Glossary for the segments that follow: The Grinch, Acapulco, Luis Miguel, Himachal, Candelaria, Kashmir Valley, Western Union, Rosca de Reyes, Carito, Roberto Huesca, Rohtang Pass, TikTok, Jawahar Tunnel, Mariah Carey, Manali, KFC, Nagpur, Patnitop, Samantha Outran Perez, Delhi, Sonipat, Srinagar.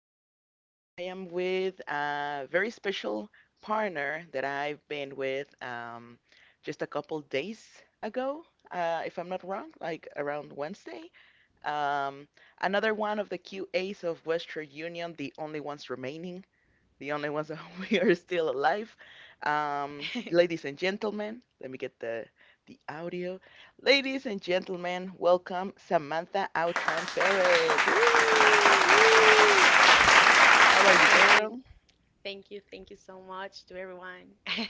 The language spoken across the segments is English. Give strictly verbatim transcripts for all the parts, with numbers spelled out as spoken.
this time I am with a very special partner that I've been with um, just a couple days ago, uh, if I'm not wrong, like around Wednesday. Um, another one of the Q As of Western Union, the only ones remaining the only ones that we are still alive. Um, ladies and gentlemen, let me get the the audio. Ladies and gentlemen, welcome Samantha Outran Perez. Woo! Ooh, How are you, thank you, girl? thank you, thank you so much to everyone.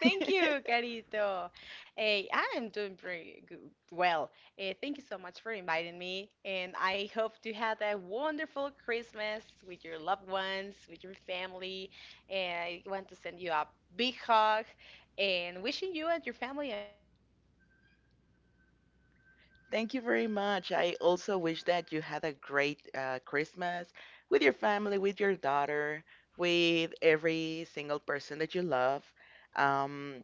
Thank you, Carito. Hey, I am doing pretty good, well. Eh, thank you so much for inviting me, and I hope to have a wonderful Christmas with your loved ones, with your family. And I want to send you a big hug and wishing you and your family a Merry Christmas and a Happy New Year as well. Thank you very much. I also wish that you had a great uh, Christmas with your family, with your daughter, with every single person that you love. Um,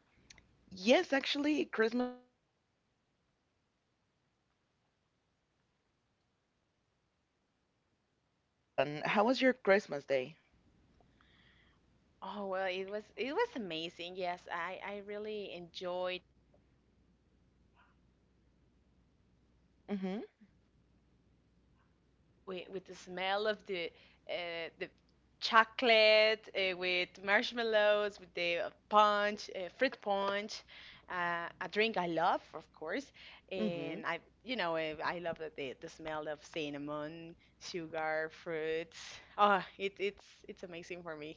Yes, actually, Christmas was uh, yesterday, basically, like two days ago. Um, and it was fun. How was your Christmas day? Oh well, it was it was amazing. Yes, I I really enjoyed uh, this Eve eh, because for me Mm-hmm. Christmas begins, you know, with, with the smell of the uh, the chocolate uh, with marshmallows, with the punch, uh, fruit punch, uh, a drink I love, of course, Mm-hmm. and I you know uh, I love the the the smell of cinnamon, sugar, fruits. Oh, it it's it's amazing for me.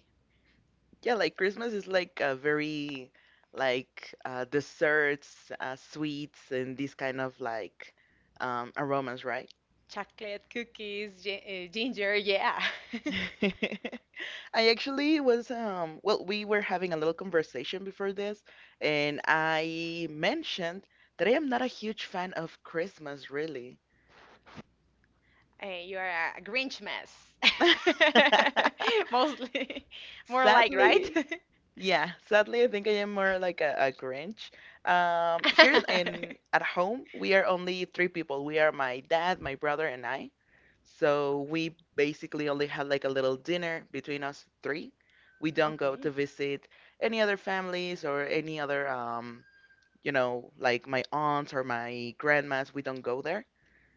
Yeah, like Christmas is like a very like uh, desserts, uh, sweets, and these kind of like um, aromas, right? Chocolate, cookies, gi- uh, ginger, yeah. I actually was um well, we were having a little conversation before this, and I mentioned that I am not a huge fan of Christmas, really. Uh, you are a Grinch mess. Mostly. More like, right? Sadly, yeah, sadly, I think I am more like a, a Grinch. Um, here in at home, we are only three people. We are my dad, my brother, and I. So we basically only had like a little dinner between us three. We don't go to Okay. visit any other families or any other, um, you know, like my aunts or my grandmas. We don't go there.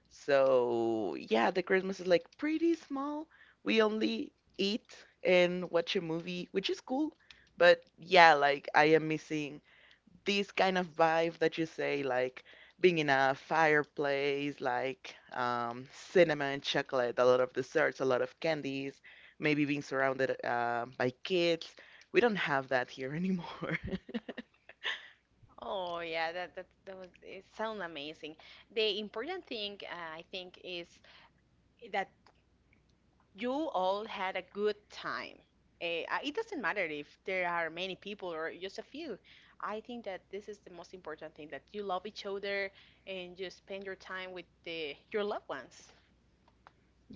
So yeah, the Christmas is like pretty small. We only eat and watch a movie, which is cool. But yeah, like I am missing this kind of vibe that you say, like being in a fireplace, like um, cinema chocolate, a lot of desserts, a lot of candies, maybe being surrounded uh, by kids. We don't have that here anymore. Oh yeah, that that that was it sounds amazing. The important thing uh, I think is that you all had a good time. Eh, uh, it doesn't matter if there are many people or just a few. I think that this is the most important thing that you love each other and you spend your time with the, your loved ones.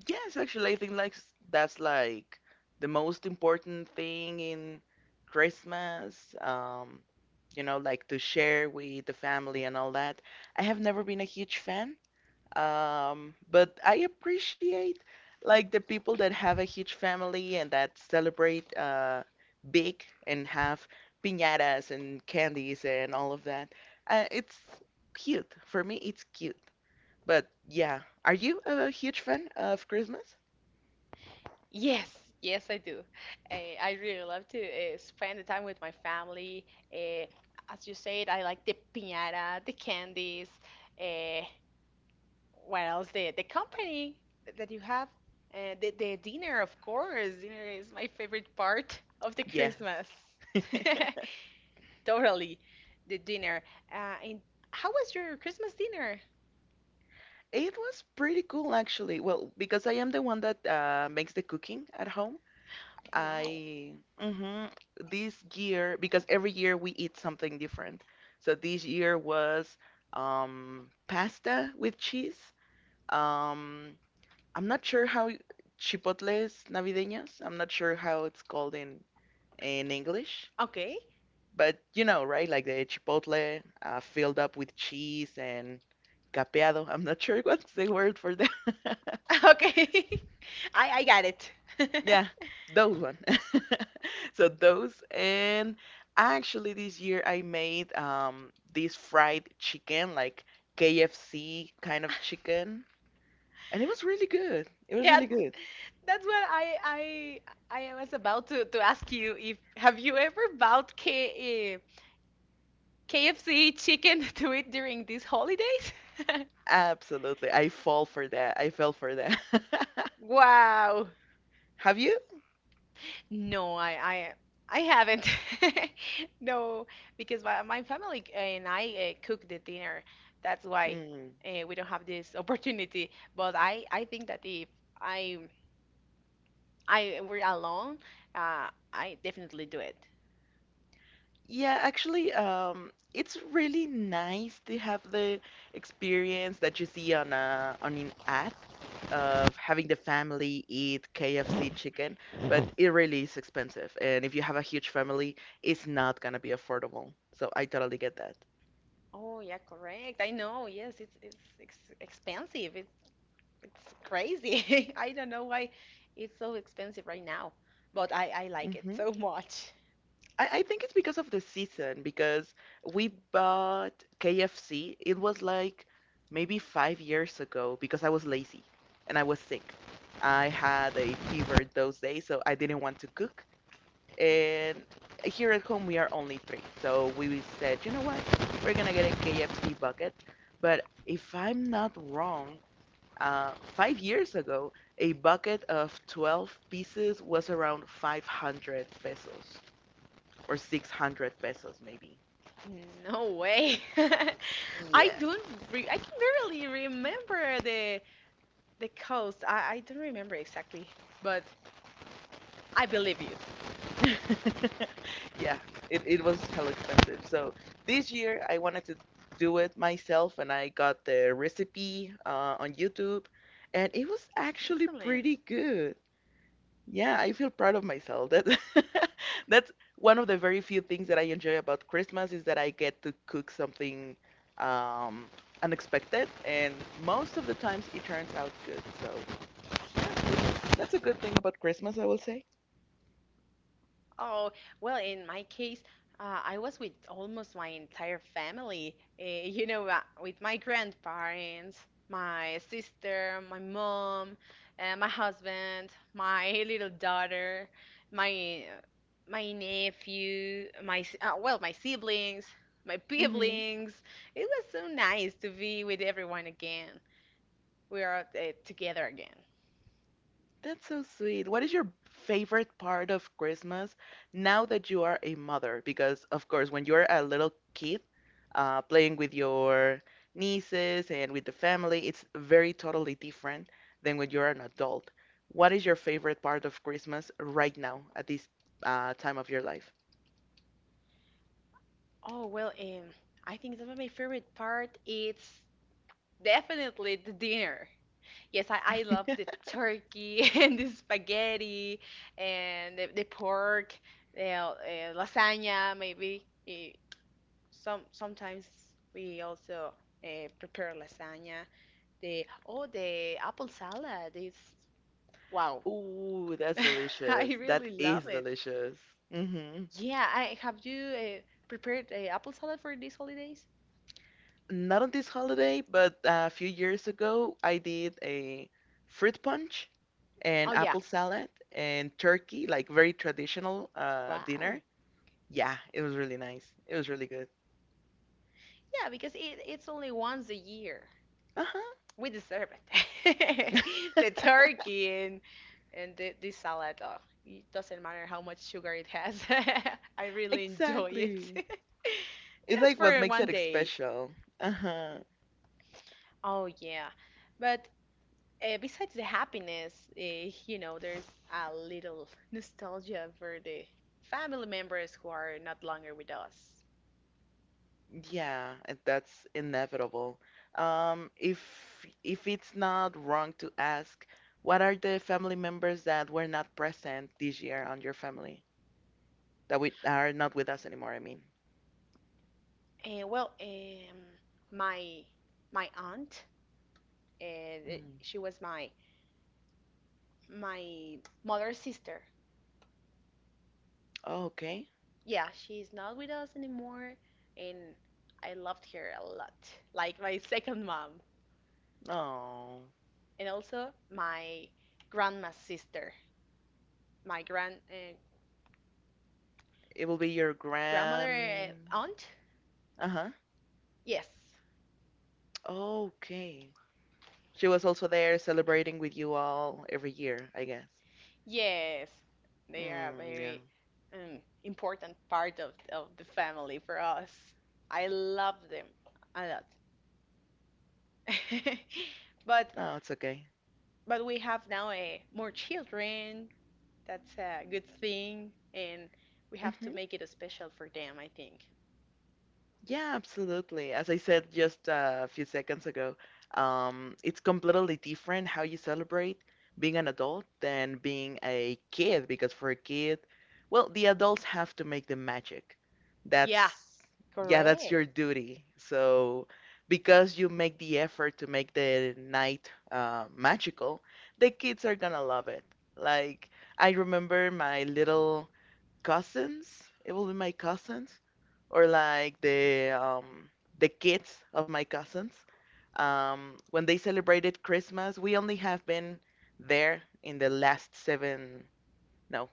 Yes, actually, I think like s- that's like the most important thing in Christmas. Um, you know, like to share with the family and all that. I have never been a huge fan. Um, but I appreciate like the people that have a huge family and that celebrate uh big and have piñatas and candies and all of that. Uh, it's cute. For me, it's cute. But yeah, are you a huge fan of Christmas? Yes, yes, I do. Uh, I really love to uh, spend the time with my family. Uh, as you said, I like the piñata, the candies. Uh, What else? The the company th- that you have, uh, the the dinner, of course. Dinner is my favorite part of the Yes. Christmas. Totally, the dinner. Uh, and how was your Christmas dinner? It was pretty cool actually. Well, because I am the one that uh, makes the cooking at home. Oh, wow. I mhm, this year because every year we eat something different. So this year was um, pasta with cheese. Um, I'm not sure how y- chipotles navideños. I'm not sure how it's called in in English. Okay, But you know, right? Like the chipotle uh, filled up with cheese and capeado. I'm not sure what's the word for that. okay, I I got it. Yeah, those one. So those and actually this year I made um this fried chicken like K F C kind of chicken and it was really good. It was Yeah, really good. that's what I I I was about to to ask you if have you ever bought K uh, K F C chicken to eat during these holidays? Absolutely. I fall for that. I fell for that. Wow. Have you? No, I I I haven't. No, because my, my family and I uh, cook the dinner. That's why Mm. uh, we don't have this opportunity. But I I think that if I I were alone, uh, I definitely do it. Yeah, actually, um, it's really nice to have the experience that you see on a on an app of having the family eat K F C chicken, but it really is expensive, and if you have a huge family, it's not gonna be affordable. So I totally get that. Oh yeah, correct. I know. Yes, it's it's ex expensive. It's it's crazy. I don't know why it's so expensive right now, but I I like it so much. I, I think it's because of the season because we bought K F C. It was like maybe five years ago because I was lazy and I was sick. I had a fever those days, so I didn't want to cook. And here at home, we are only three. So we said, you know what? We're gonna get a K F C bucket. But if I'm not wrong, uh, five years ago, a bucket of twelve pieces was around five hundred pesos or six hundred pesos maybe. No way. I Yeah. don't re I can barely remember the the coast. I, I don't remember exactly, but I believe you. Yeah, it, it was hell expensive. So this year I wanted to do it myself and I got the recipe uh, on YouTube and it was actually Excellent. pretty good. Yeah, I feel proud of myself. That that's one of the very few things that I enjoy about Christmas is that I get to cook something um, unexpected and most of the times it turns out good. So, that's good. That's a good thing about Christmas, I will say. Oh, well, in my case, uh, I was with almost my entire family. Uh, you know, uh, with my grandparents, my sister, my mom, uh, my husband, my little daughter, my my nephew, my s- uh, well, my siblings, my Mm-hmm. siblings. It was so nice to be with everyone again. We are uh, together again. That's so sweet. What is your favorite part of Christmas now that you are a mother? Because, of course, when you're a little kid, uh, playing with your nieces and with the family, it's very totally different than when you're an adult. What is your favorite part of Christmas right now at this uh, time of your life? Oh, well, um, I think that my favorite part is definitely the dinner. Yes, I, I love the turkey and the spaghetti and the, the pork, the, uh, lasagna maybe. Eh, some sometimes we also uh, prepare lasagna. The oh the apple salad is wow. Ooh, that's delicious. I That really love is it. delicious. hmm Yeah, I have you uh, prepared uh, apple salad for these holidays? not on this holiday, but a few years ago, I did a fruit punch Oh and yeah. apple salad and turkey, like very traditional uh, Wow. dinner. Yeah, it was really nice. It was really good. Yeah, because it, it's only once a year. Uh-huh, We deserve it. The turkey and and the, this salad. Oh, it doesn't matter how much sugar it has. I really enjoy exactly. it. It's Just like what for makes one it day. special. Uh-huh. Oh yeah, but uh, besides the happiness, uh, you know, there's a little nostalgia for the family members who are not longer with us. Yeah, and that's inevitable. Um, if if it's not wrong to ask, what are the family members that were not present this year on your family that we are not with us anymore? I mean, Uh, well, um, my my aunt, uh, mm. she was my my mother's sister. Oh, okay. Yeah, she's not with us anymore, and I loved her a lot. Like my second mom, No, and also my grandma's sister, my grand uh, it will be your grandmother grand. uh, aunt. Uh huh. Yes, Okay. She was also there celebrating with you all every year, I guess. yes, they are a Mm, yeah. very um, important part of of the family for us. I love them a lot. But No, it's okay. But we have now uh, more children. That's a good thing, and we have to Mhm. make it special for them, I think. Yeah, absolutely. As I said just uh, a few seconds ago, um, it's completely different how you celebrate being an adult than being a kid, because for a kid, well, the adults have to make the magic. Yeah, That's, yeah, that's your correct. duty. So, because you make the effort to make the night uh, magical, the kids are gonna love it. Like, I remember my little cousins. It will be my cousins or like the um the kids of my cousins. Um, when they celebrated Christmas, we only have been there in the last seven. No,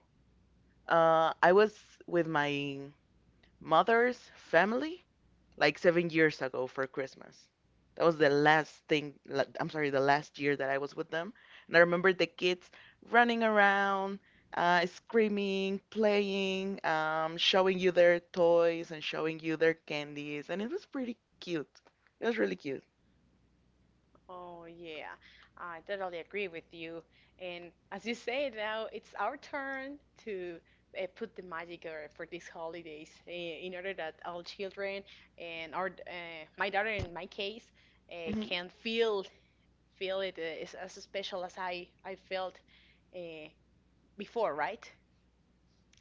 uh, I was with my mother's family like seven years ago for Christmas. That was the last thing, la- I'm sorry, the last year that I was with them. And I remember the kids running around, uh, screaming, playing, um, showing you their toys and showing you their candies. And it was pretty cute. It was really cute. Oh, yeah. I totally agree with you. And as you say now, it's our turn to uh, put the magic uh, for these holidays uh, in order that all children and our uh, my daughter in my case uh, Hmm. can feel feel it uh, is as special as I I felt uh, before, right?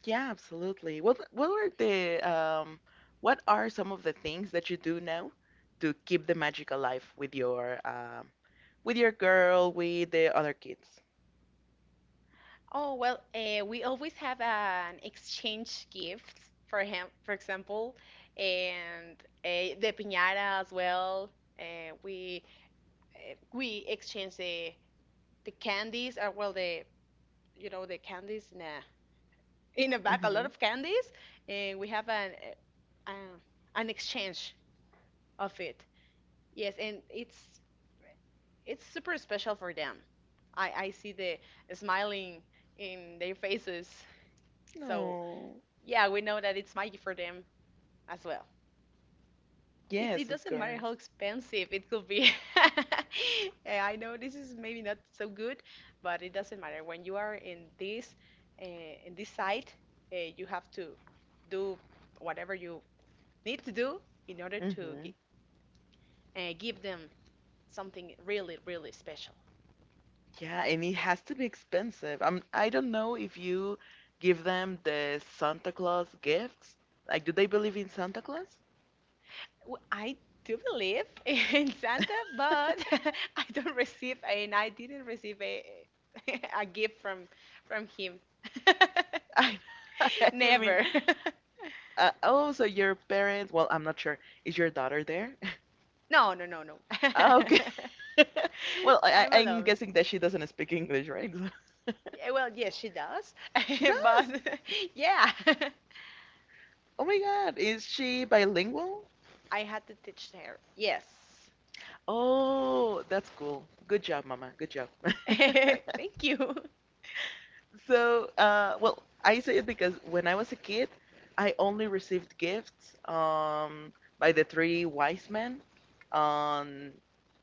Yeah, absolutely. What what were the um what are some of the things that you do now to keep the magic alive with your um with your girl, with the other kids? Oh, well, uh, we always have an exchange gift for him, for example, and uh, the piñata as well. Uh, we uh, we exchange the the candies, or well, the you know the candies in a in a bag, a lot Hmm. of candies, and we have an uh, uh, an exchange of it. Yes, and it's it's super special for them. I I see the smiling in their faces. So. No. Yeah, we know that it's magic for them as well. It, it Yes, of doesn't matter how course. expensive it could be. Eh, I know this is maybe not so good, but it doesn't matter. When you are in this uh, in this site, uh, you have to do whatever you need to do in order to Hmm. gi- uh, give them something really, really special. Yeah, and it has to be expensive. I'm, I don't know if you give them the Santa Claus gifts. Like, do they believe in Santa Claus? Well, I do believe in Santa, but I don't receive and I didn't receive a a gift from from him. I, I mean, Never. uh, oh, so your parents, well, I'm not sure. Is your daughter there? No, no, no, no. Okay. Well, I, I'm I- I'm alone. guessing that she doesn't speak English, right? Yeah, well, yes, she does. She does. But yeah, Oh my God. Is she bilingual? I had to teach her. Yes. Oh, that's cool. Good job, Mama. Good job. Thank you. So, uh, well, I say it because when I was a kid, I only received gifts um, by the three wise men. On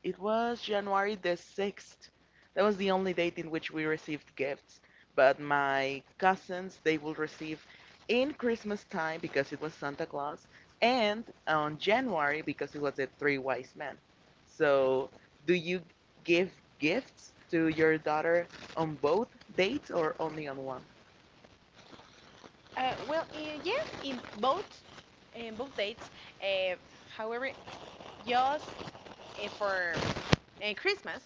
it was January the sixth. That was the only date in which we received gifts. But my cousins, they will receive in Christmas time because it was Santa Claus, and on January because it was the three wise men. So, do you give gifts to your daughter on both dates or only on one? Uh, well, uh, yes, in both in both dates. Uh, However, just uh, for and Christmas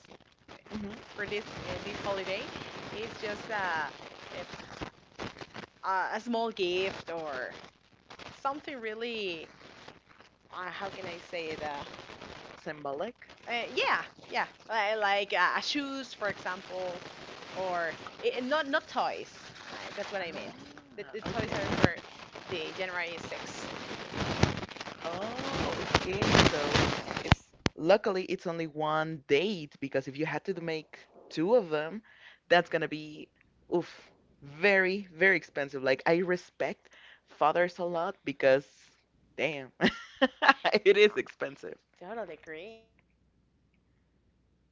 Mhm. for this uh, this holiday is just uh, a a small gift or something really uh, how can I say it? Uh, Sembalek. Uh, yeah, yeah, like, like uh, shoes, for example, or eh, eh, not not toys. I, that's what I mean. Ah, The, the toys are for okay. the January sixth. Oh, okay. So it's luckily it's only one date because if you had to do- make two of them, that's gonna be oof, very, very expensive. Like I respect fathers a lot because damn, it Uh, is expensive. Totally agree. Yeah.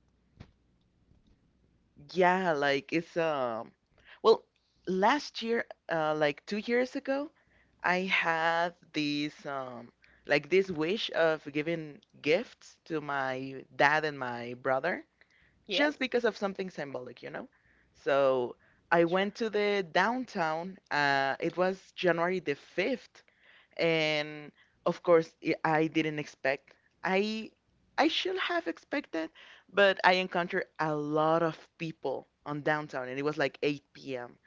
However, I know that there are a lot of Yeah, families like who it's do that. um well, last year, uh like two years ago, I had this um like this wish of giving gifts to my dad and my brother Yes? just because of something symbolic, you know? So, I Sure. went to the downtown. Uh it was January the fifth, and of course i I didn't expect. I i should have expected, but I encountered a lot of people on downtown, and it was like eight p m,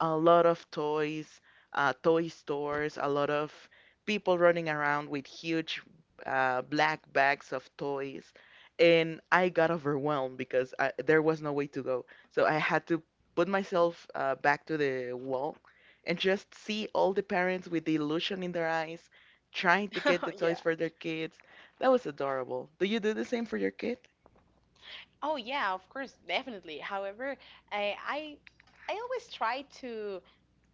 a lot of toys, uh, toy stores, a lot of people running around with huge, uh, black bags of toys, and I got overwhelmed because I, there was no way to go, so I had to put myself uh, back to the wall and just see all the parents with the illusion in their eyes trying to get the toys Yeah. for their kids. That was adorable. Do you do the same for your kid? Oh yeah, of course, definitely. However, I I, I always try to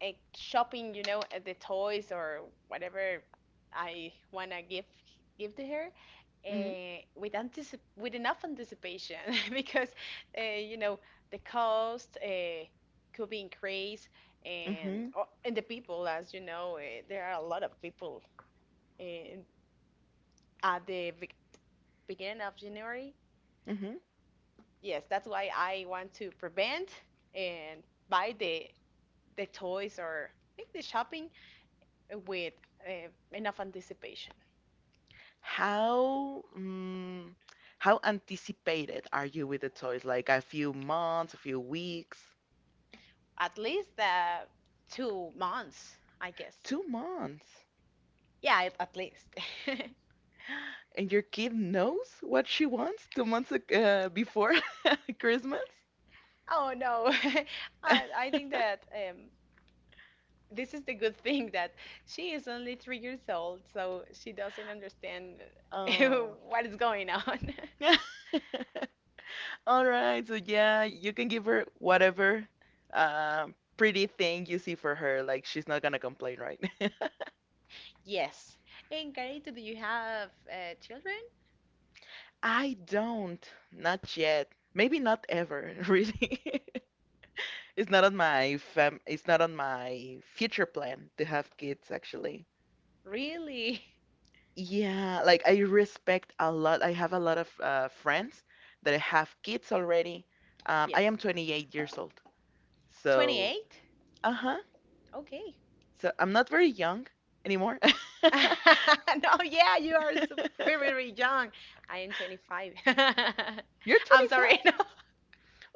uh, shopping, you know, at the toys or whatever I wanna give give to her Mhm. uh, with anticip with enough anticipation because uh, you know the cost uh, could be increased and Mhm. oh, and the people, as you know, uh, there are a lot of people uh, at the be beginning of January, Mhm. yes, that's why I want to prevent and buy the the toys or make the shopping with uh, enough anticipation. How mm, how anticipated are you with the toys? Like a few months, a few weeks, At least uh, two months, I guess. two months. Yeah, at, at least. And your kid knows what she wants two months ag- uh, before Christmas? Oh no, I, I think that um, this is the good thing that she is only three years old, so she doesn't understand Oh. what is going on. All right, so yeah, you can give her whatever um, pretty thing you see for her. Like, she's not gonna complain, right? Yes. And Carito, do you have uh, children? I don't, not yet. Maybe not ever, really. Oh, you don't want to It's be not a on my mom. Fam it's not on my future plan to have kids, actually. Really? Yeah, like I respect a lot. I have a lot of uh, friends that have kids already. Um, I Yes. am twenty-eight years old, so twenty-eight? uh-huh. Okay. So I'm not very young anymore. No, yeah, you are so very, very young. I am twenty-five. You're I'm sorry. twenty-five? No,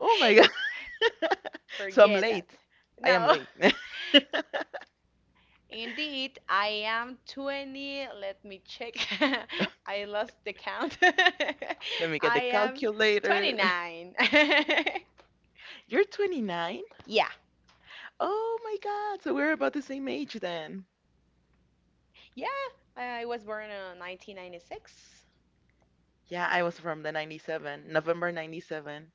Oh my god. So I'm forget that. late. I am No, late. indeed, I am twenty. Let me check. I lost the count. Let me get the I am calculator. twenty-nine. You're twenty-nine? Yeah. Oh my god. So we're about the same age then. Yeah, I was born in nineteen ninety-six. Yeah, I was from the ninety-seven, November ninety-seven.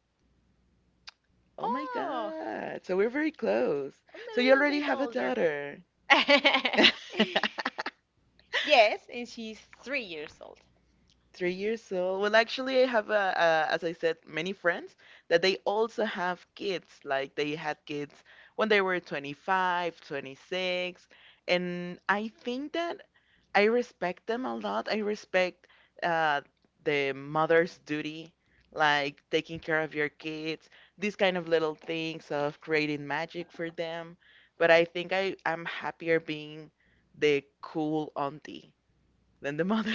Oh my Oh, god. So we're very close. I'm a So you little already bit have a older. daughter. Yes, and she's three years old. Three years old. Well, actually, I have, uh, uh, as I said, many friends that they also have kids. Like they had kids when they were twenty-five, twenty-six. And I think that I respect them a lot. I respect uh, the mother's duty, like taking care of your kids, these kind of little things of creating magic for them. But I think I, I'm happier being the cool auntie than the mother.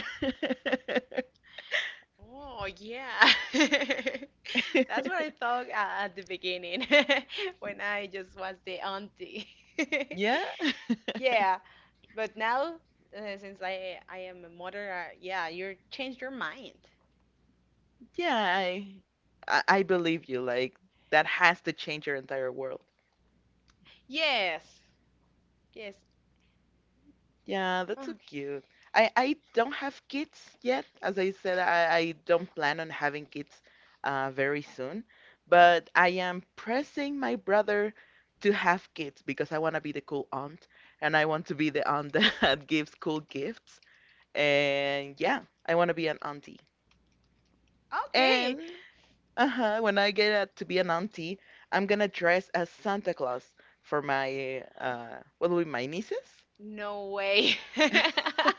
Oh, yeah. That's what I thought uh, at the beginning when I just was the auntie. Yeah. Yeah, but now uh, since I I am a mother, uh, yeah, you changed your mind. Yeah, I, I I believe you. Like that has to change your entire world. Yes, yes. Yeah, that's so Okay. cute. I I don't have kids yet. As I said, I I don't plan on having kids uh very soon, but I am pressing my brother to have kids because I want to be the cool aunt and I want to be the aunt that gives cool gifts. And yeah, I want to be an auntie. Okay. And uh-huh. When I get out to be an auntie, I'm gonna dress as Santa Claus for my uh what will be my nieces? No way.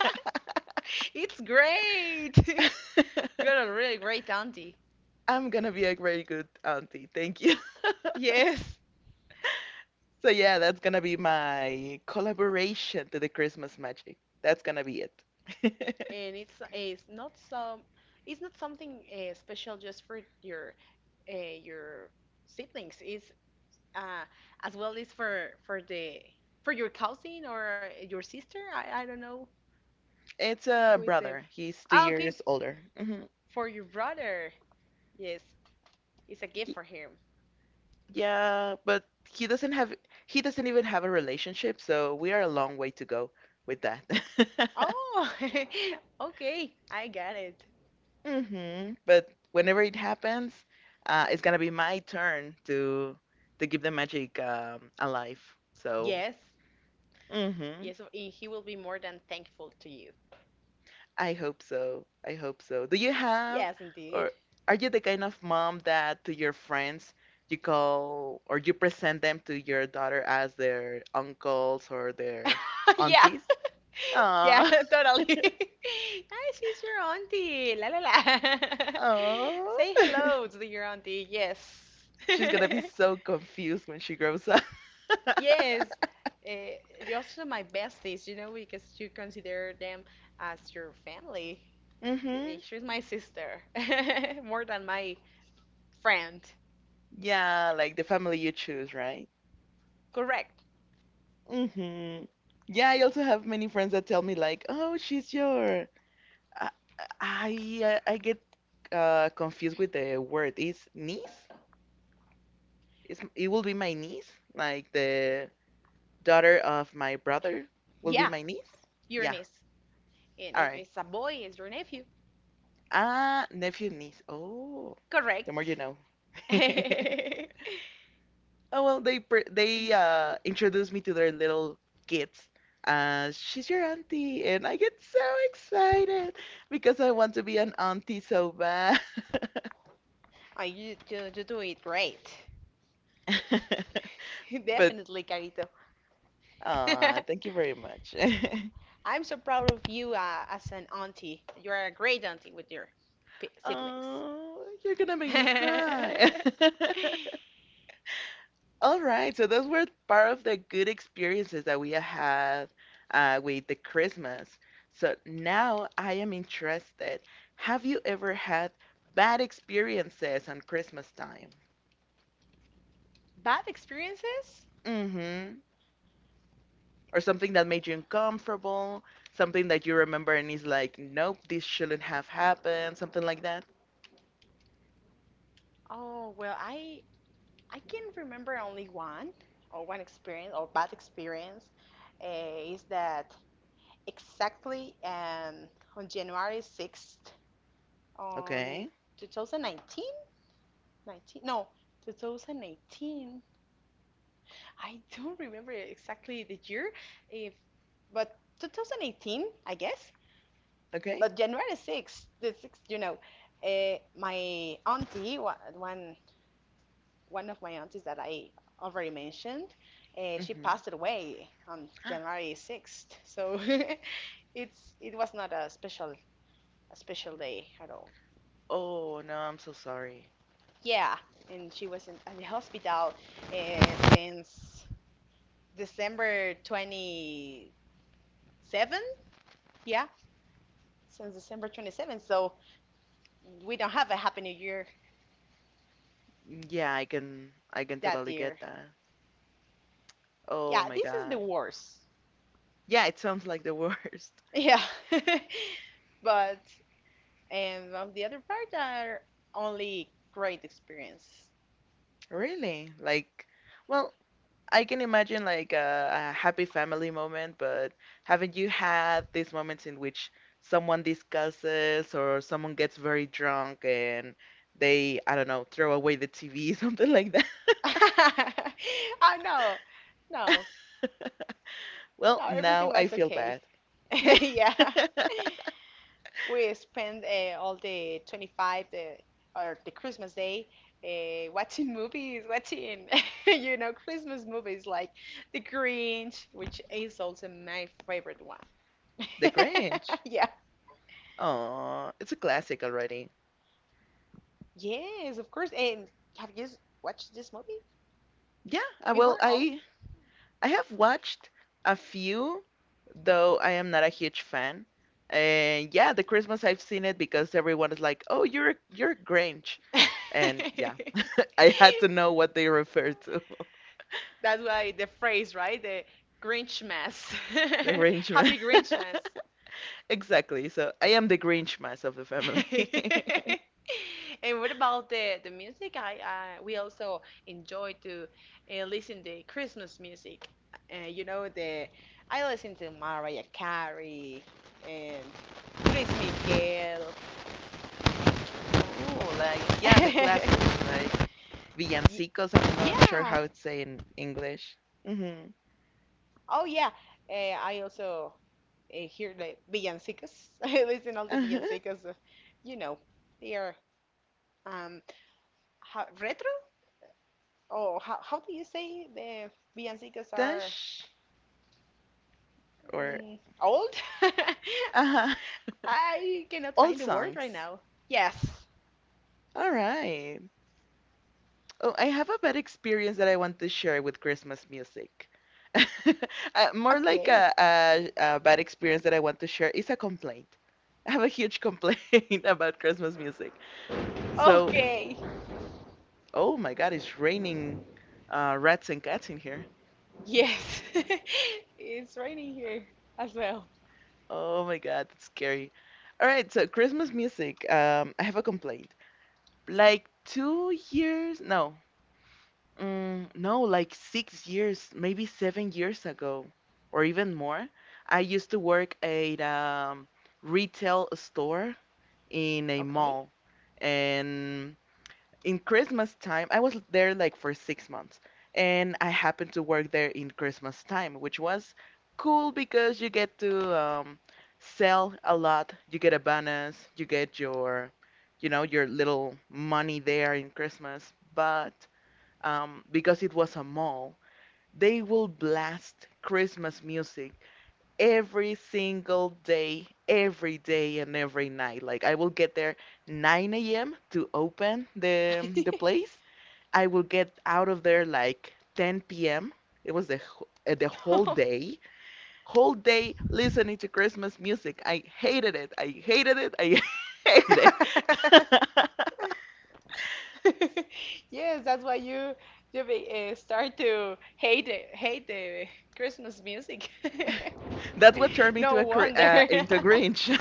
It's great. You're a really great auntie. I'm gonna be a very good auntie. Thank you. Yes. So yeah, that's gonna be my collaboration to the Christmas magic. That's gonna be it. And it's it's not some, it's not something uh, special just for your uh, your siblings. It's uh, as well as for for the for your cousin or your sister. I I don't know It's a who is the. brother. He's two Ah, okay, years older. Hmm for your brother. Yes, it's a gift for him. Yeah, but he doesn't have he doesn't even have a relationship, so we are a long way to go with that. Oh, okay, I got it. hmm But whenever it happens, uh, it's gonna be my turn to to give the magic um, alive. So, Yes, hmm yes, and he will be more than thankful to you. I hope so. I hope so. Do you have, Yes, or indeed. are you the kind of mom that to your friends you call or you present them to your daughter as their uncles or their Yeah, aunties? yeah, Aww. totally. Hi, she's your auntie. La la la. Aww. Say hello to your auntie. Yes. She's gonna be so confused when she grows up. Yes. Uh, you're also my besties, you know, because you consider them as your family. She- eh, hmm She's my sister, more than my friend. Yeah, like the family you choose, right? Correct. Mm-hmm. Yeah, I also have many friends that tell me like, "Oh, she's your." I I, uh, I get uh, confused with the word. Is niece? It's, it will be my niece, like the daughter of my brother will be Yeah, my niece. your Yeah. niece. And All if right. it's a boy, it's your nephew. Ah, nephew, niece. Oh, the more Correct. you know. Oh well, they per- they uh introduced me to their little kids. Uh, she's your auntie, and I get so excited because I want to be an auntie so bad. Oh, you, you, you do it great. But Definitely, Carito. uh, thank you very much. I'm so proud of you uh, as an auntie. You're a great auntie with your p- siblings. Oh, you're gonna make me cry. Bad All right, so those were part of the good experiences that we had uh, with the Christmas. So now I am interested. Have you ever had bad experiences on Christmas time? experiences? Mm-hmm. Or something that made you uncomfortable, something that you remember and is like, nope, this shouldn't have happened, something like that. Oh, well, I I can remember only one or one experience or bad experience uh, is that exactly um, on January sixth on Okay. two thousand nineteen, nineteen, nineteen no, twenty eighteen. I don't remember exactly the year, if but twenty eighteen, I guess. Okay. But January sixth, the sixth, you know, uh, my auntie, wa- one one of my aunties that I already mentioned, uh, she Mm-hmm. passed away on January sixth. So it's it was not a special a special day at all. Oh no, I'm so sorry. Yeah, and she was in, at the hospital uh, since December twenty-seventh. Yeah, since December twenty-seventh, so we don't have a Happy New Year Mm, yeah, I can I can that totally year. get that. Oh Yeah, my this is the God. worst. Yeah, it sounds like the worst. Yeah. But, and on the other part are only great experiences. Really? Like, well, I can imagine like a, a happy family moment, but haven't you had these moments in which someone discusses or someone gets very drunk and they, I don't know, throw away the T V, something like that? Oh, no, no, Well, no, now everything I was feel okay. bad. Yeah. We spend uh, all the twenty-fifth the, or the Christmas day uh, watching movies, watching, you know, Christmas movies like The Grinch, which is also my favorite one. The Grinch. Yeah. Oh, it's a classic already. Yes, of course. And have you s- watched this movie Yeah, uh, well, before? Oh. I I have watched a few, though I am not a huge fan. And yeah, the Christmas I've seen it because everyone is like, "Oh, you're a, you're a Grinch," and yeah, I had to know what they refer to, That's why the phrase, right? The Grinch mess. the Grinchmas. Happy Grinch mess. Exactly. So I am the Grinchmas of the family. And what about the the music? I, I we also enjoy to uh, listen to Christmas music. Uh, you know the I listen to Mariah Carey and Luis Miguel. Oh, like yeah, the classics like Ye- villancicos. I'm not sure Yeah. how it's say in English. Mm-hmm. Oh yeah. Uh, I also uh, hear the villancicos. I listen all the Uh-huh. villancicos. uh, You know they are um how, retro. Oh, how, how do you say the villancicos are Vintage or mm, old? uh-huh. I cannot Old find the word right songs. now. Yes. All right. Oh, I have a bad experience that I want to share with Christmas music. Uh, more like Okay. a, a, a bad experience that I want to share is a complaint. I have a huge complaint about Christmas music. So, Okay. oh my God, it's raining uh, rats and cats in here. Yes. It's raining here as well. Oh my God, it's scary. All right, so Christmas music. Um, I have a complaint. Like two years, no, Mm, no, like six years, maybe seven years ago, or even more. I used to work at a retail store in a Okay. mall. And in Christmas time, I was there like for six months. And I happened to work there in Christmas time, which was cool because you get to um, sell a lot. You get a bonus, you get your, you know, your little money there in Christmas. But um, because it was a mall, they will blast Christmas music every single day, every day and every night. Like I will get there nine a m to open the the place. I will get out of there like ten p m. It was the wh- uh, the whole No. day, whole day listening to Christmas music. I hated it. I hated it. I hated it. Yes, that's why you you be, uh, start to hate it, hate the Christmas music. That's what turned me into No a cr- wonder. uh, into a Grinch.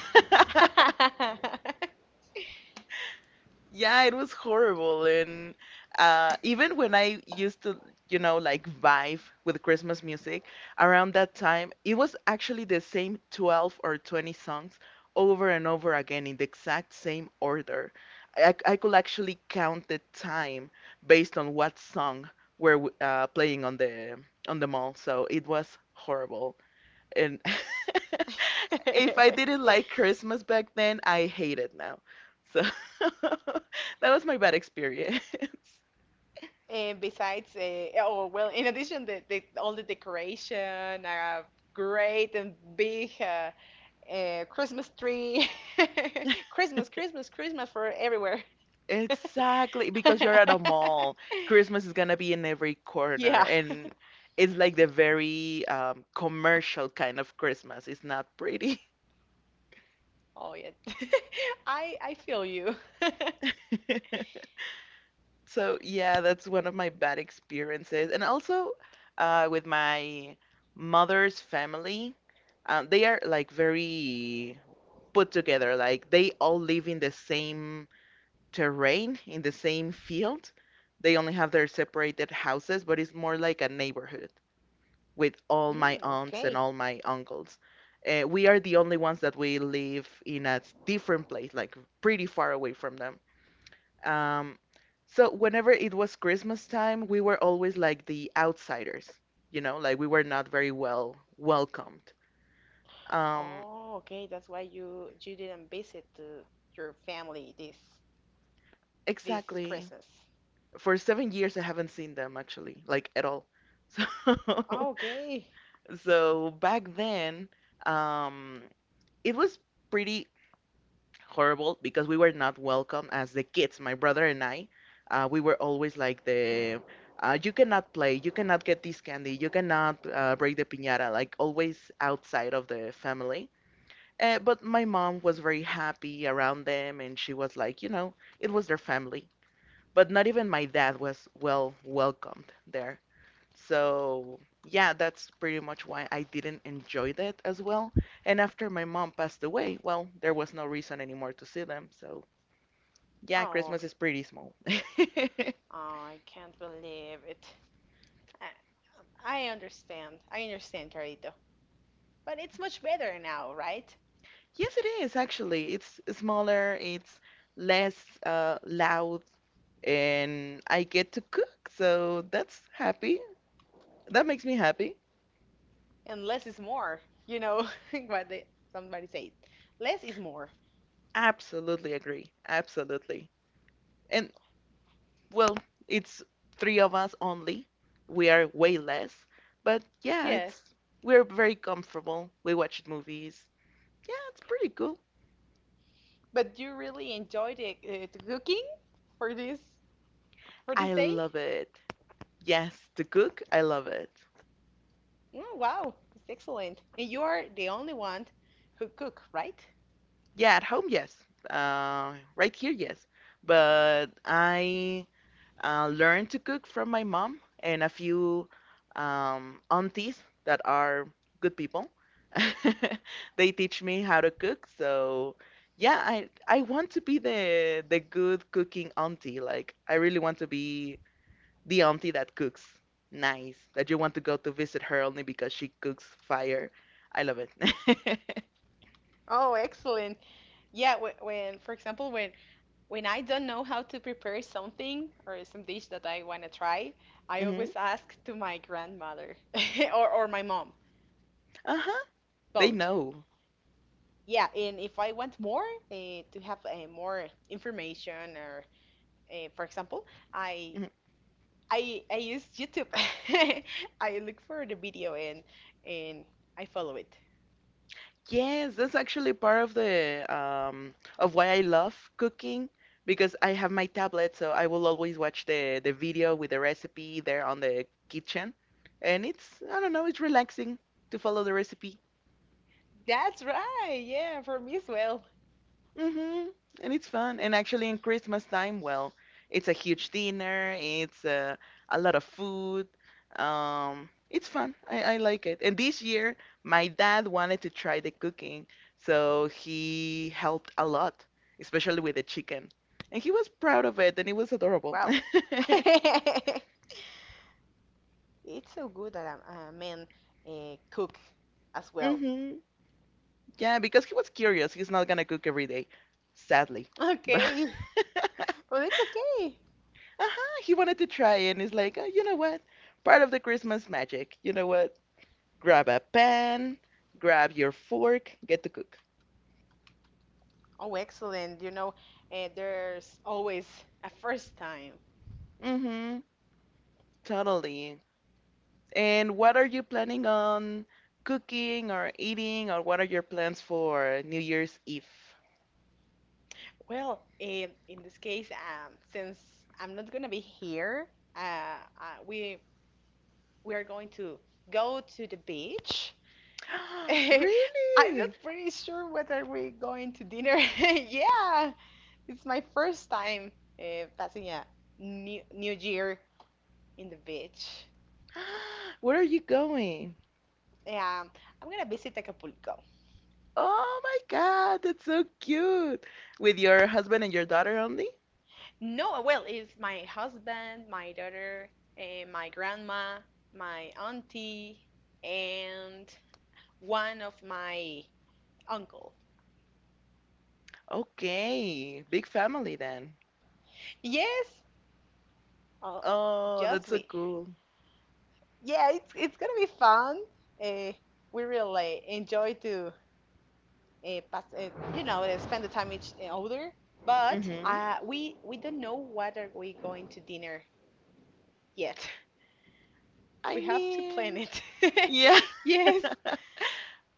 Yeah, it was horrible. And uh, even when I used to, you know, like vibe with Christmas music around that time, it was actually the same twelve or twenty songs over and over again in the exact same order. I, I could actually count the time based on what song were w- uh, playing on the on the mall. So it was horrible. And if I didn't like Christmas back then, I hate it now. So that was my bad experience. And besides, uh, oh well, in addition, the, the all the decoration, a great and big uh, uh, Christmas tree, Christmas, Christmas, Christmas for everywhere. Exactly, because you're at a mall. Christmas is gonna be in every corner, Yeah. and it's like the very um, commercial kind of Christmas. It's not pretty. Oh yeah. I I feel you. So yeah, that's one of my bad experiences. And also uh, with my mother's family, um, they are like very put together. Like they all live in the same terrain, in the same field. They only have their separated houses, but it's more like a neighborhood with all my Mm, aunts and okay. all my uncles. Uh, we are the only ones that we live in a different place, like pretty far away from them. Um, so whenever it was Christmas time, we were always like the outsiders, you know, like we were not very well welcomed. Um, Oh, okay. That's why you you didn't visit uh, your family this this exactly. Christmas. For seven years, I haven't seen them actually, like at all. So, Okay. so back then, um, it was pretty horrible because we were not welcome as the kids. My brother and I, uh, we were always like the, uh, you cannot play, you cannot get this candy, you cannot uh, break the piñata, like always outside of the family. Uh, but my mom was very happy around them, and she was like, you know, it was their family. But not even my dad was well welcomed there. So, yeah, that's pretty much why I didn't enjoy that as well. And after my mom passed away, well, there was no reason anymore to see them. So, yeah, Oh, Christmas is pretty small. oh, I can't believe it. I, I understand. I understand, Carito. But it's much better now, right? Yes, it is actually. It's smaller, it's less uh, loud, and I get to cook, so that's happy. That makes me happy. And less is more. You know what they, somebody said. Less is more. Absolutely agree. Absolutely. And well, it's three of us only. We are way less, but yeah, Yes. it's we're very comfortable. We watch movies. Yeah, it's pretty cool. But you really enjoyed the, uh, the cooking for this for this I day? love it. Yes, to cook, I love it. Oh, wow, it's excellent. And you are the only one who cook, right? Yeah, at home, yes. Uh, right here, yes. But I uh, learned to cook from my mom and a few um, aunties that are good people. They teach me how to cook, so yeah, I I want to be the the good cooking auntie. Like I really want to be the auntie that cooks nice, that you want to go to visit her only because she cooks fire. I love it. Oh, excellent. Yeah, when, when for example, when when I don't know how to prepare something or some dish that I want to try, I hmm always ask to my grandmother or or my mom, Uh-huh. They both. know. Yeah, and if I want more uh, to have uh, more information or uh, for example, I Mm-hmm. I I use YouTube. I look for the video and and I follow it. Yes, that's actually part of the um, of why I love cooking because I have my tablet, so I will always watch the the video with the recipe there on the kitchen, and it's I don't know, it's relaxing to follow the recipe. That's right. Yeah, for me as well. Hmm And it's fun. And actually, in Christmas time, well, it's a huge dinner. It's uh, a lot of food. Um, it's fun. I, I like it. And this year, my dad wanted to try the cooking, so he helped a lot, especially with the chicken. And he was proud of it, and it was adorable. Wow. It's so good that a, a man uh, cook as well. hmm Yeah, because he was curious. He's not gonna cook every day, sadly. But Okay. Well, it's okay. Uh-huh. He wanted to try it, and he's like, oh, you know what? Part of the Christmas magic. You know what? Grab a pan, grab your fork, get to cook. Oh, excellent. You know, uh, there's always a first time. Mm-hmm. Totally. And what are you planning on cooking or eating, or what are your plans for New Year's Eve? Well, in, in this case, um, since I'm not gonna be here, uh, uh, we we are going to go to the beach. I'm not Really? pretty sure whether we're going to dinner. Yeah, it's my first time uh, passing a new, new year in the beach. Where are you going? Um, I'm gonna visit Acapulco. Oh my God, that's so cute. With your husband and your daughter only? No, well, it's my husband, my daughter, eh, my grandma, my auntie, and one of my uncle. Okay, big family then. Yes, oh, Oh, that's just so we. cool. Yeah, it's it's gonna be fun. Uh, we really enjoy to uh, pass, uh, you know, uh, spend the time each uh, older. But hmm uh, we we don't know what are we going to dinner yet. I We have to plan mean, it. yeah. Yes.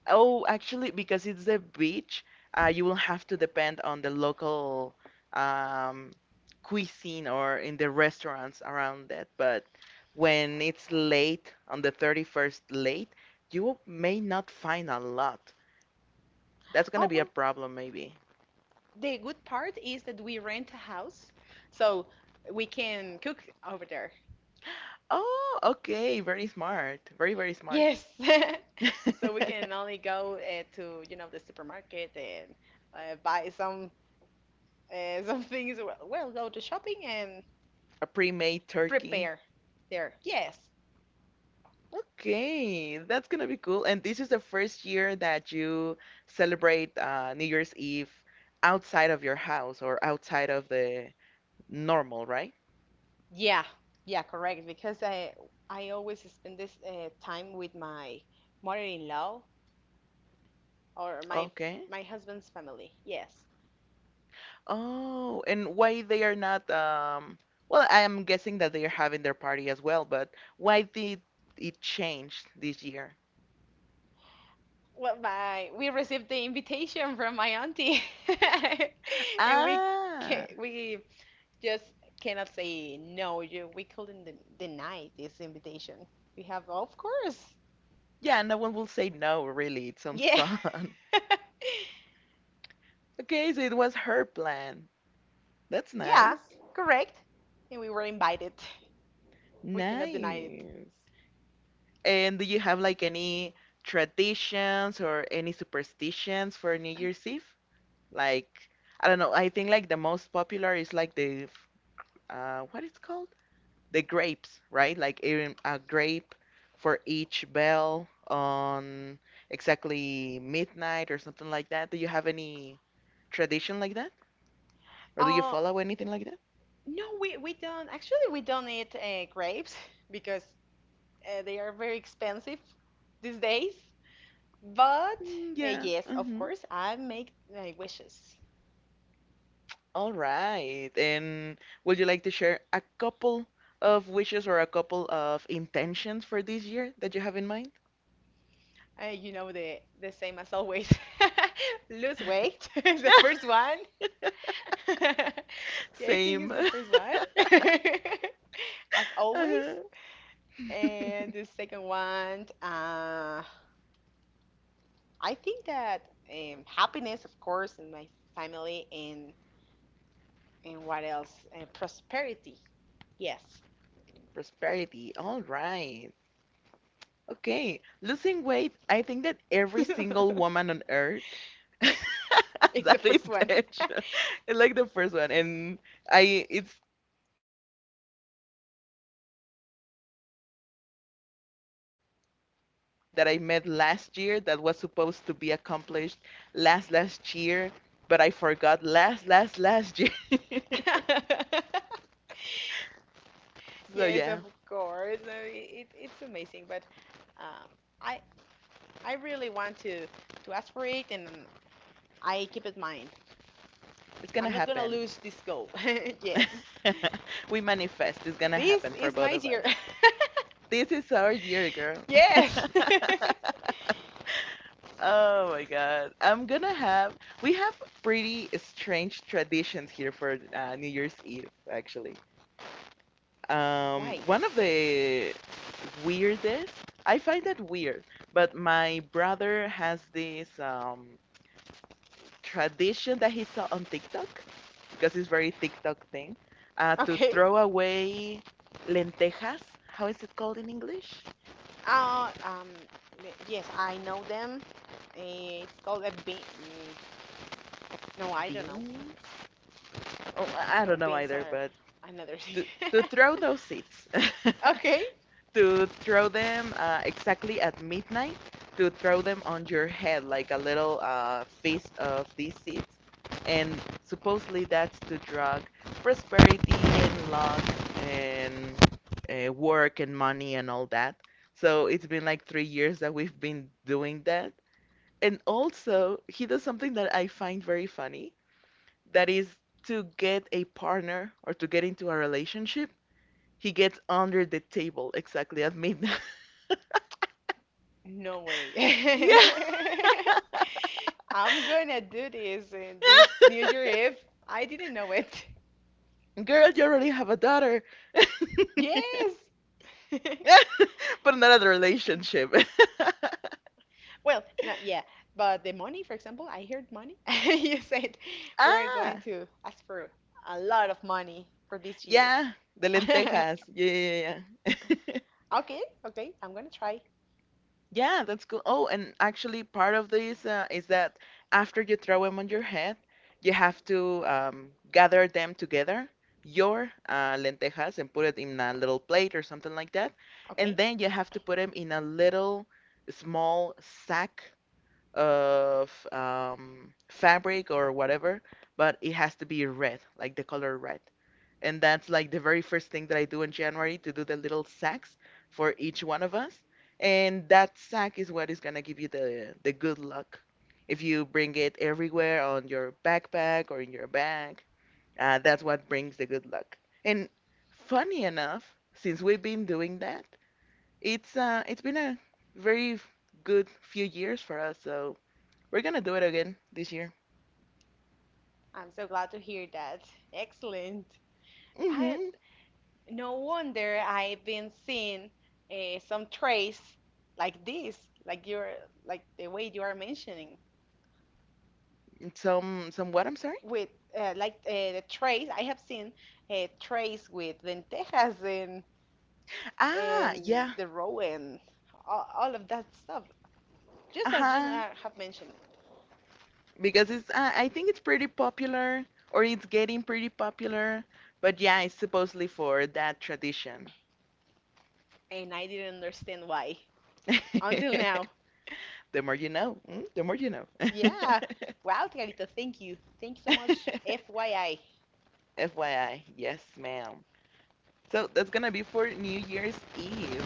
Oh, actually, because it's the beach, uh, you will have to depend on the local um, cuisine or in the restaurants around that. But when it's late, on the thirty-first late, you may not find a lot. That's gonna Oh be a well, problem, maybe. the good part is that we rent a house, so we can cook over there. Oh, okay, very smart. Very, very smart. Yes. So we can only go uh, to, you know, the supermarket and uh, buy some uh, some things. Well, well, go to shopping and A pre-made turkey. prepare there. Yes. Okay, that's gonna be cool. And this is the first year that you celebrate uh, New Year's Eve outside of your house or outside of the normal, right? Yeah, yeah, correct. Because I I always spend this uh, time with my mother-in-law or my Okay. my husband's family. Yes. Oh, and why they are not, um, well, I am guessing that they are having their party as well, but why did it change this year? Well, my we received the invitation from my auntie, and we Ah, ca we just cannot say no. You we couldn't den- deny this invitation. We have, of course. yeah, no one will say no, really. It sounds Yeah, fun. Okay, so it was her plan. That's yeah, nice. correct. And we were invited. We cannot deny it. Nice. And do you have like any traditions or any superstitions for New Year's Eve? Like, I don't know, I think like the most popular is like the, f- uh, what it's called? The grapes, right? Like a, a grape for each bell on exactly midnight or something like that. Do you have any tradition like that? Or do you Uh, follow anything like that? No, we we don't. Actually, we don't eat uh, grapes because uh, they are very expensive these days. But Mm, uh, yeah. yes, of Mm-hmm. course, I make my wishes. All right. And would you like to share a couple of wishes or a couple of intentions for this year that you have in mind? Uh, you know the the same as always. Lose weight, the first one. Yeah, I think Same. it's the first one, as always. Uh-huh. And the second one, uh, I think that um, happiness, of course, in my family and and what else? And prosperity. Yes. Prosperity. All right. Okay, losing weight, I think that every single it's woman on earth has the that first one. intention. Like the first one, and I it's a a friend of mine told me that be- uh, before that it's the intention of this year that I met last year that was supposed to be accomplished last last year, but I forgot last last last year. So Yes, of yeah, course. No, i- it, it's amazing, but uh, I I really want to to ask for it, and I keep it mine. it's gonna I'm not gonna happen. lose this goal. Yes, We manifest. It's gonna this happen for is my both of us. year. This is our year, girl. Yes. Oh my God. I'm gonna have, we have pretty strange traditions here for uh, New Year's Eve, actually. Um, Why? One of the weirdest, I find that weird, but my brother has this um, tradition that he saw on TikTok, because it's very TikTok thing, uh, to Okay. throw away lentejas. How is it called in English? Uh, um. n- Yes, I know them. Eh, It's called a bean. No, I don't know. Beans? Oh, I don't No, know beans either, are but another thing. to, to throw those seeds, Okay. to throw them uh, exactly at midnight, to throw them on your head like a little uh, fist of these seeds, and supposedly that's to drug prosperity and luck and uh, work and money and all that. So it's been like three years that we've been doing that. And also, he does something that I find very funny that is to get a partner or to get into a relationship, he gets under the table exactly at midnight. No way. Yeah, I'm gonna do this in this New Year Eve. I didn't know it. girl, you already have a daughter, Yes. but not a relationship. Well, no, yeah, but the money, for example, I heard money. You said we're going Ah, to ask for a lot of money for this year. yeah, the lentejas. Yeah, yeah, yeah. Okay, okay, I'm gonna try. Yeah, that's cool. Oh, and actually, part of this uh, is that after you throw them on your head, you have to um, gather them together, your uh, lentejas, and put it in a little plate or something like that. And Okay, then you have to put them in a little small sack of um, fabric or whatever, but it has to be red, like the color red, and that's like the very first thing that I do in January to do the little sacks for each one of us. And that sack is what is gonna give you the the good luck if you bring it everywhere on your backpack or in your bag. Uh, that's what brings the good luck. And funny enough, since we've been doing that, it's uh it's been a very f- good few years for us. So we're gonna do it again this year. I'm so glad to hear that. Excellent. I Mm no wonder I've been seeing uh, some traits like this, like you're like the way you are mentioning Mhm. Some some what? I'm sorry. with uh, like uh, the trays. I have seen uh, trays with lentejas and Ah, and yeah. the roe and all, all of that stuff, Uh just as you huh. uh, have mentioned, Because it's uh, I think it's pretty popular or it's getting pretty popular. But yeah, it's supposedly for that tradition. and I didn't understand why until now. The more you know, mm, the more you know. Yeah, wow, Carlito, thank you, thank you so much. F Y I, F Y I, yes, ma'am. So that's gonna be for New Year's Eve,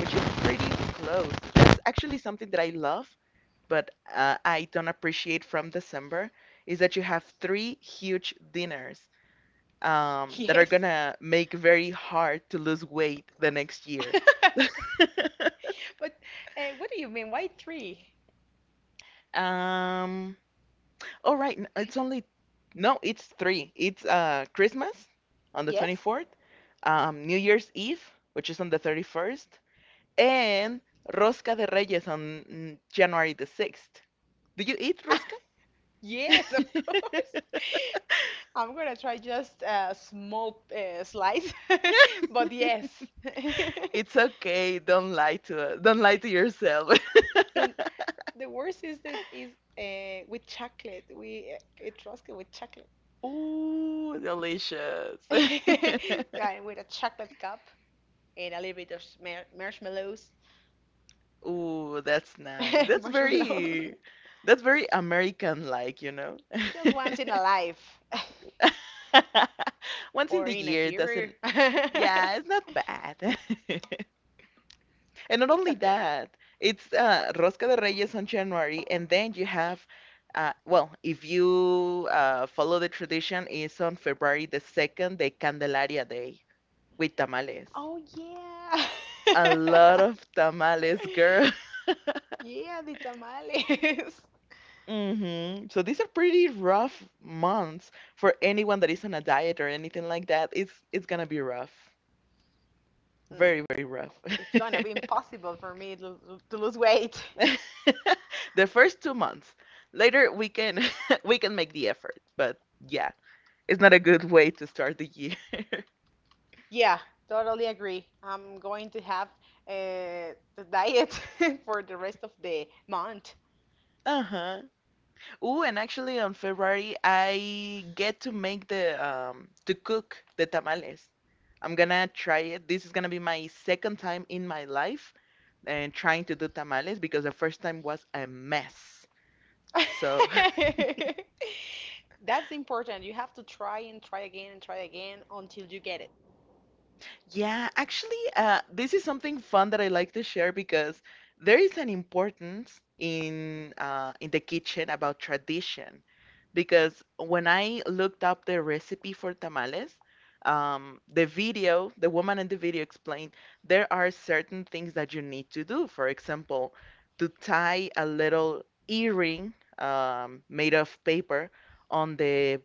which is pretty close. That's actually something that I love, but uh, I don't appreciate from December is that you have three huge dinners um, that are yes. gonna make very hard to lose weight the next year. But uh, what do you mean? Why three? um, oh right, n- it's only no, it's three. It's uh Christmas on the Yes? twenty-fourth, um, New Year's Eve, which is on the thirty-first, and Rosca de Reyes on mm, January the sixth. Oh, Do you eat yeah. rosca? Yes, of course. I'm gonna try just a small uh, slice, but yes. It's okay. Don't lie to us. Don't lie to yourself. And the worst is this is uh, with chocolate. We uh, eat rosca with chocolate. Ooh, delicious. Yeah, and with a chocolate cup and a little bit of mar- marshmallows. Ooh, that's nice. That's Marshmallows. Very that's very American like, you know. Just once in a life Once in or the in a year doesn't year. yeah, it's not bad. And not It's only okay. that, it's uh, Rosca de Reyes on January, and then you have, uh, well, if you uh, follow the tradition, it's on February the second, the Candelaria Day with tamales. Oh A yeah. lot of tamales, girl. Yeah, the tamales. Hmm So these are pretty rough months for anyone that is on a diet or anything like that. It's it's gonna be rough. Mm, Very, very it- rough. It's gonna be impossible for me to, to lose weight. The first two months. Later we can we can make the effort. But yeah, it's not a good way to start the year. Yeah, totally agree. I'm going to have uh, the diet for the rest of the month. Uh-huh. Ooh, and actually on February I get to make the um to cook the tamales. I'm gonna try it. This is gonna be my second time in my life and trying to do tamales because the first time was a mess. So That's important. You have to try and try again and try again until you get it. yeah, actually, uh, this is something fun that I like to share because there is an importance in uh, in the kitchen about tradition. Because when I looked up the recipe for tamales, um, the video, the woman in the video explained there are certain things that you need to do. For example, to tie a little earring um, made of paper on the,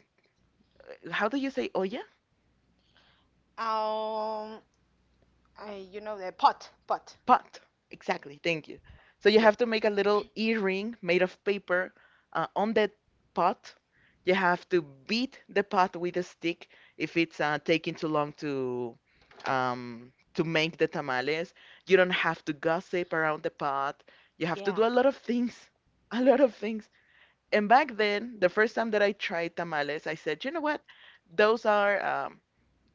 how do you say, olla? Um, I, you know the pot, pot. Pot. Exactly. Thank you. So you Yes. have to make a little earring made of paper uh, on that pot. You have to beat the pot with a stick if it's uh, taking too long to um, to make the tamales. You don't have to gossip around the pot. You have to Yeah. do a lot of things, a lot of things. And back then, the first time that I tried tamales, I said, you know what? Those are um,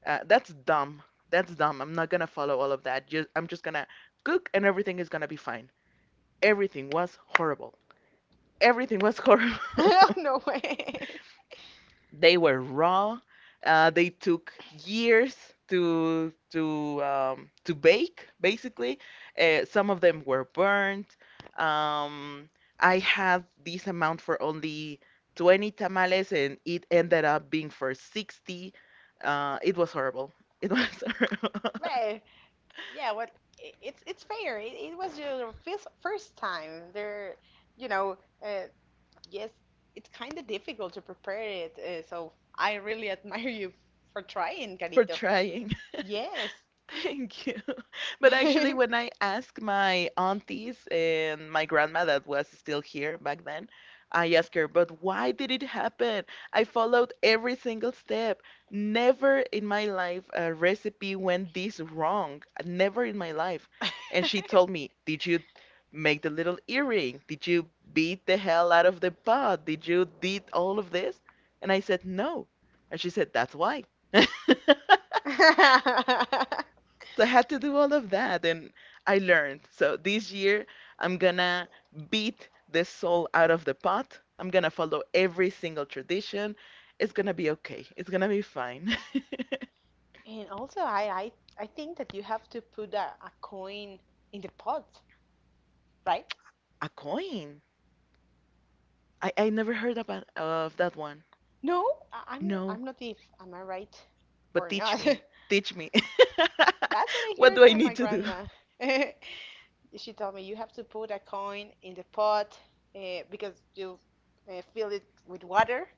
uh, that's dumb. That's dumb. I'm not gonna follow all of that. Just, I'm just gonna cook and everything is gonna be fine. Everything was horrible. Everything was horrible. No way. They were raw. Uh, they took years to to um, to bake, basically. Uh, some of them were burnt. Um, I had this amount for only twenty tamales, and it ended up being for sixty. Uh, it was horrible. It was horrible. Well, yeah, what i- it's it's fair. It, it was your first first time. There, you know, uh, yes, it's kind of difficult to prepare it. Uh, so I really admire you for trying, For Carito. trying. Yes. Thank you. But actually, when I asked my aunties and my grandma that was still here back then, I asked her, but why did it happen? I followed every single step. Never in my life a recipe went this wrong. Never in my life. And she told me, did you make the little earring? Did you beat the hell out of the pot? Did you did all of this? And I said, no. And she said, that's why. So I had to do all of that and I learned. So this year I'm gonna beat the soul out of the pot. I'm gonna follow every single tradition. It's gonna be okay. It's gonna be fine. And also, I, I I think that you have to put a, a coin in the pot, right? A coin. I, I never heard about of that one. No, I, I'm No, I'm not if am I right but or teach not? me. Teach me. That's what I What heard do I from my need to do? grandma. She told me you have to put a coin in the pot uh, because you uh, fill it with water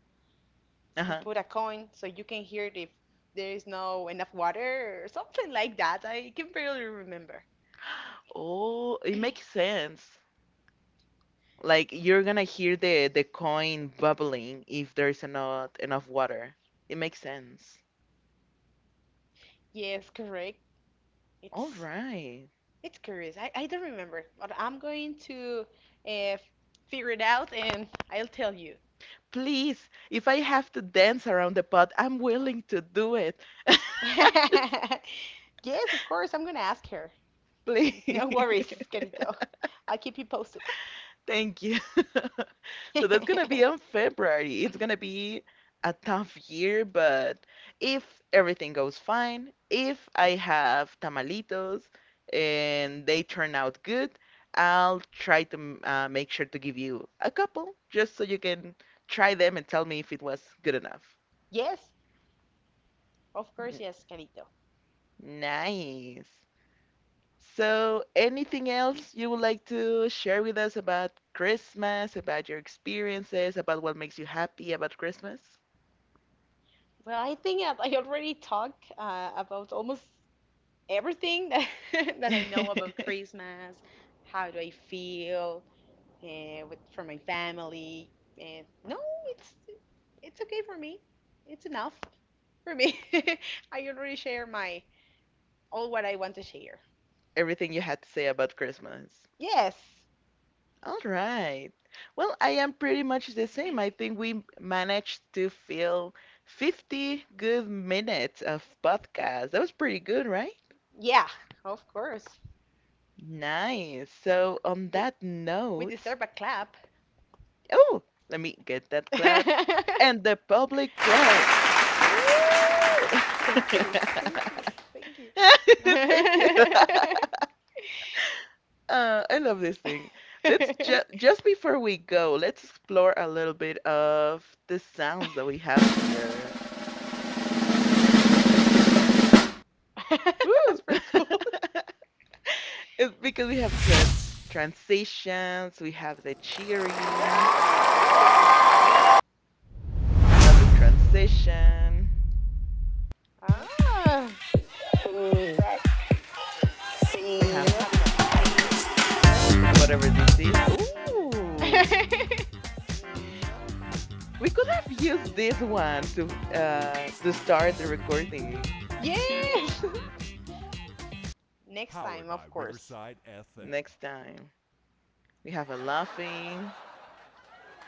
and Uh-huh. put a coin so you can hear it if there is no enough water or something like that. I can barely remember. Oh, it makes sense. Like you're gonna hear the the coin bubbling if there's not enough water. It makes sense. Yes, correct. All It's right. it's curious. I, I don't remember, but I'm going to uh, figure it out and I'll tell you. Please, if I have to dance around the pot, I'm willing to do it. Just Yes, of course, I'm gonna ask her. No worries, please. Carito. I'll keep you posted. Thank you. So that's gonna be on February. It's gonna be a tough year, but if everything goes fine, if I have tamalitos and they turn out good, I'll try to m- uh, make sure to give you a couple just so you can try them and tell me if it was good enough. Yes, of course, N- yes, Carito. Nice. So, anything else you would like to share with us about Christmas, about your experiences, about what makes you happy about Christmas? Well, I think I I already talked uh, about almost everything that, that I know about Christmas. How do I feel uh, with for my family? And no, it's it's okay for me. It's enough for me. I already share my all what I want to share. Everything you had to say about Christmas. Yes, All right. Well, I am pretty much the same. I think we managed to fill fifty good minutes of podcast. That was pretty good, right? yeah, of course. Nice. So, on We that we note, deserve a clap. oh, let me get that clap. And the public claps. Woo! Thank you. Thank you. Thank you. Thank you. Uh, I love this thing. Let's ju just before we go, let's explore a little bit of the sounds that we have here. Woo! That's pretty cool. It's because we have tra transitions, we have the cheering, Double three. another Three. transition, Ah, we have you're having a party. whatever this is. Ooh! We could have used this one to uh to start the recording Yes. Next time, of course. next time. We have a laughing.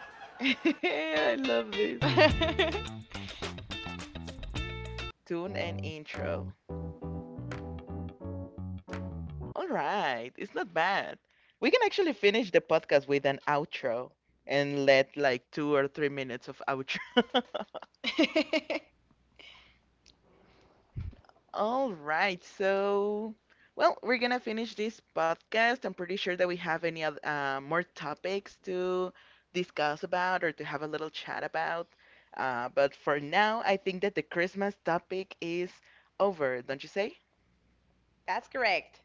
I love this tune and intro. All right, it's not bad. We can No. actually finish the podcast with an outro and let like two or three minutes of outro. All right. So, well, we're gonna finish this podcast. I'm pretty sure that we have any other, uh, more topics to discuss about or to have a little chat about. Uh, but for now, I think that the Christmas topic is over, don't you say? That's correct.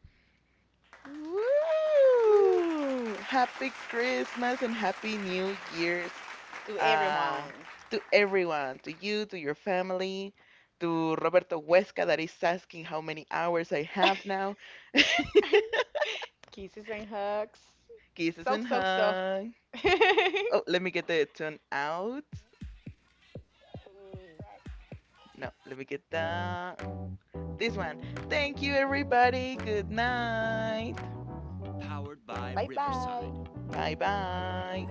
Woo! Happy Christmas and Happy New Year's To uh, everyone. to everyone, to you, to your family, to Roberto Huesca that is asking how many hours I have now. Kisses and hugs. Kisses So, and so, so. hug. Oh, let me get the tune out. No, let me get the this one. Thank you, everybody. Good night. Bye bye. Bye bye.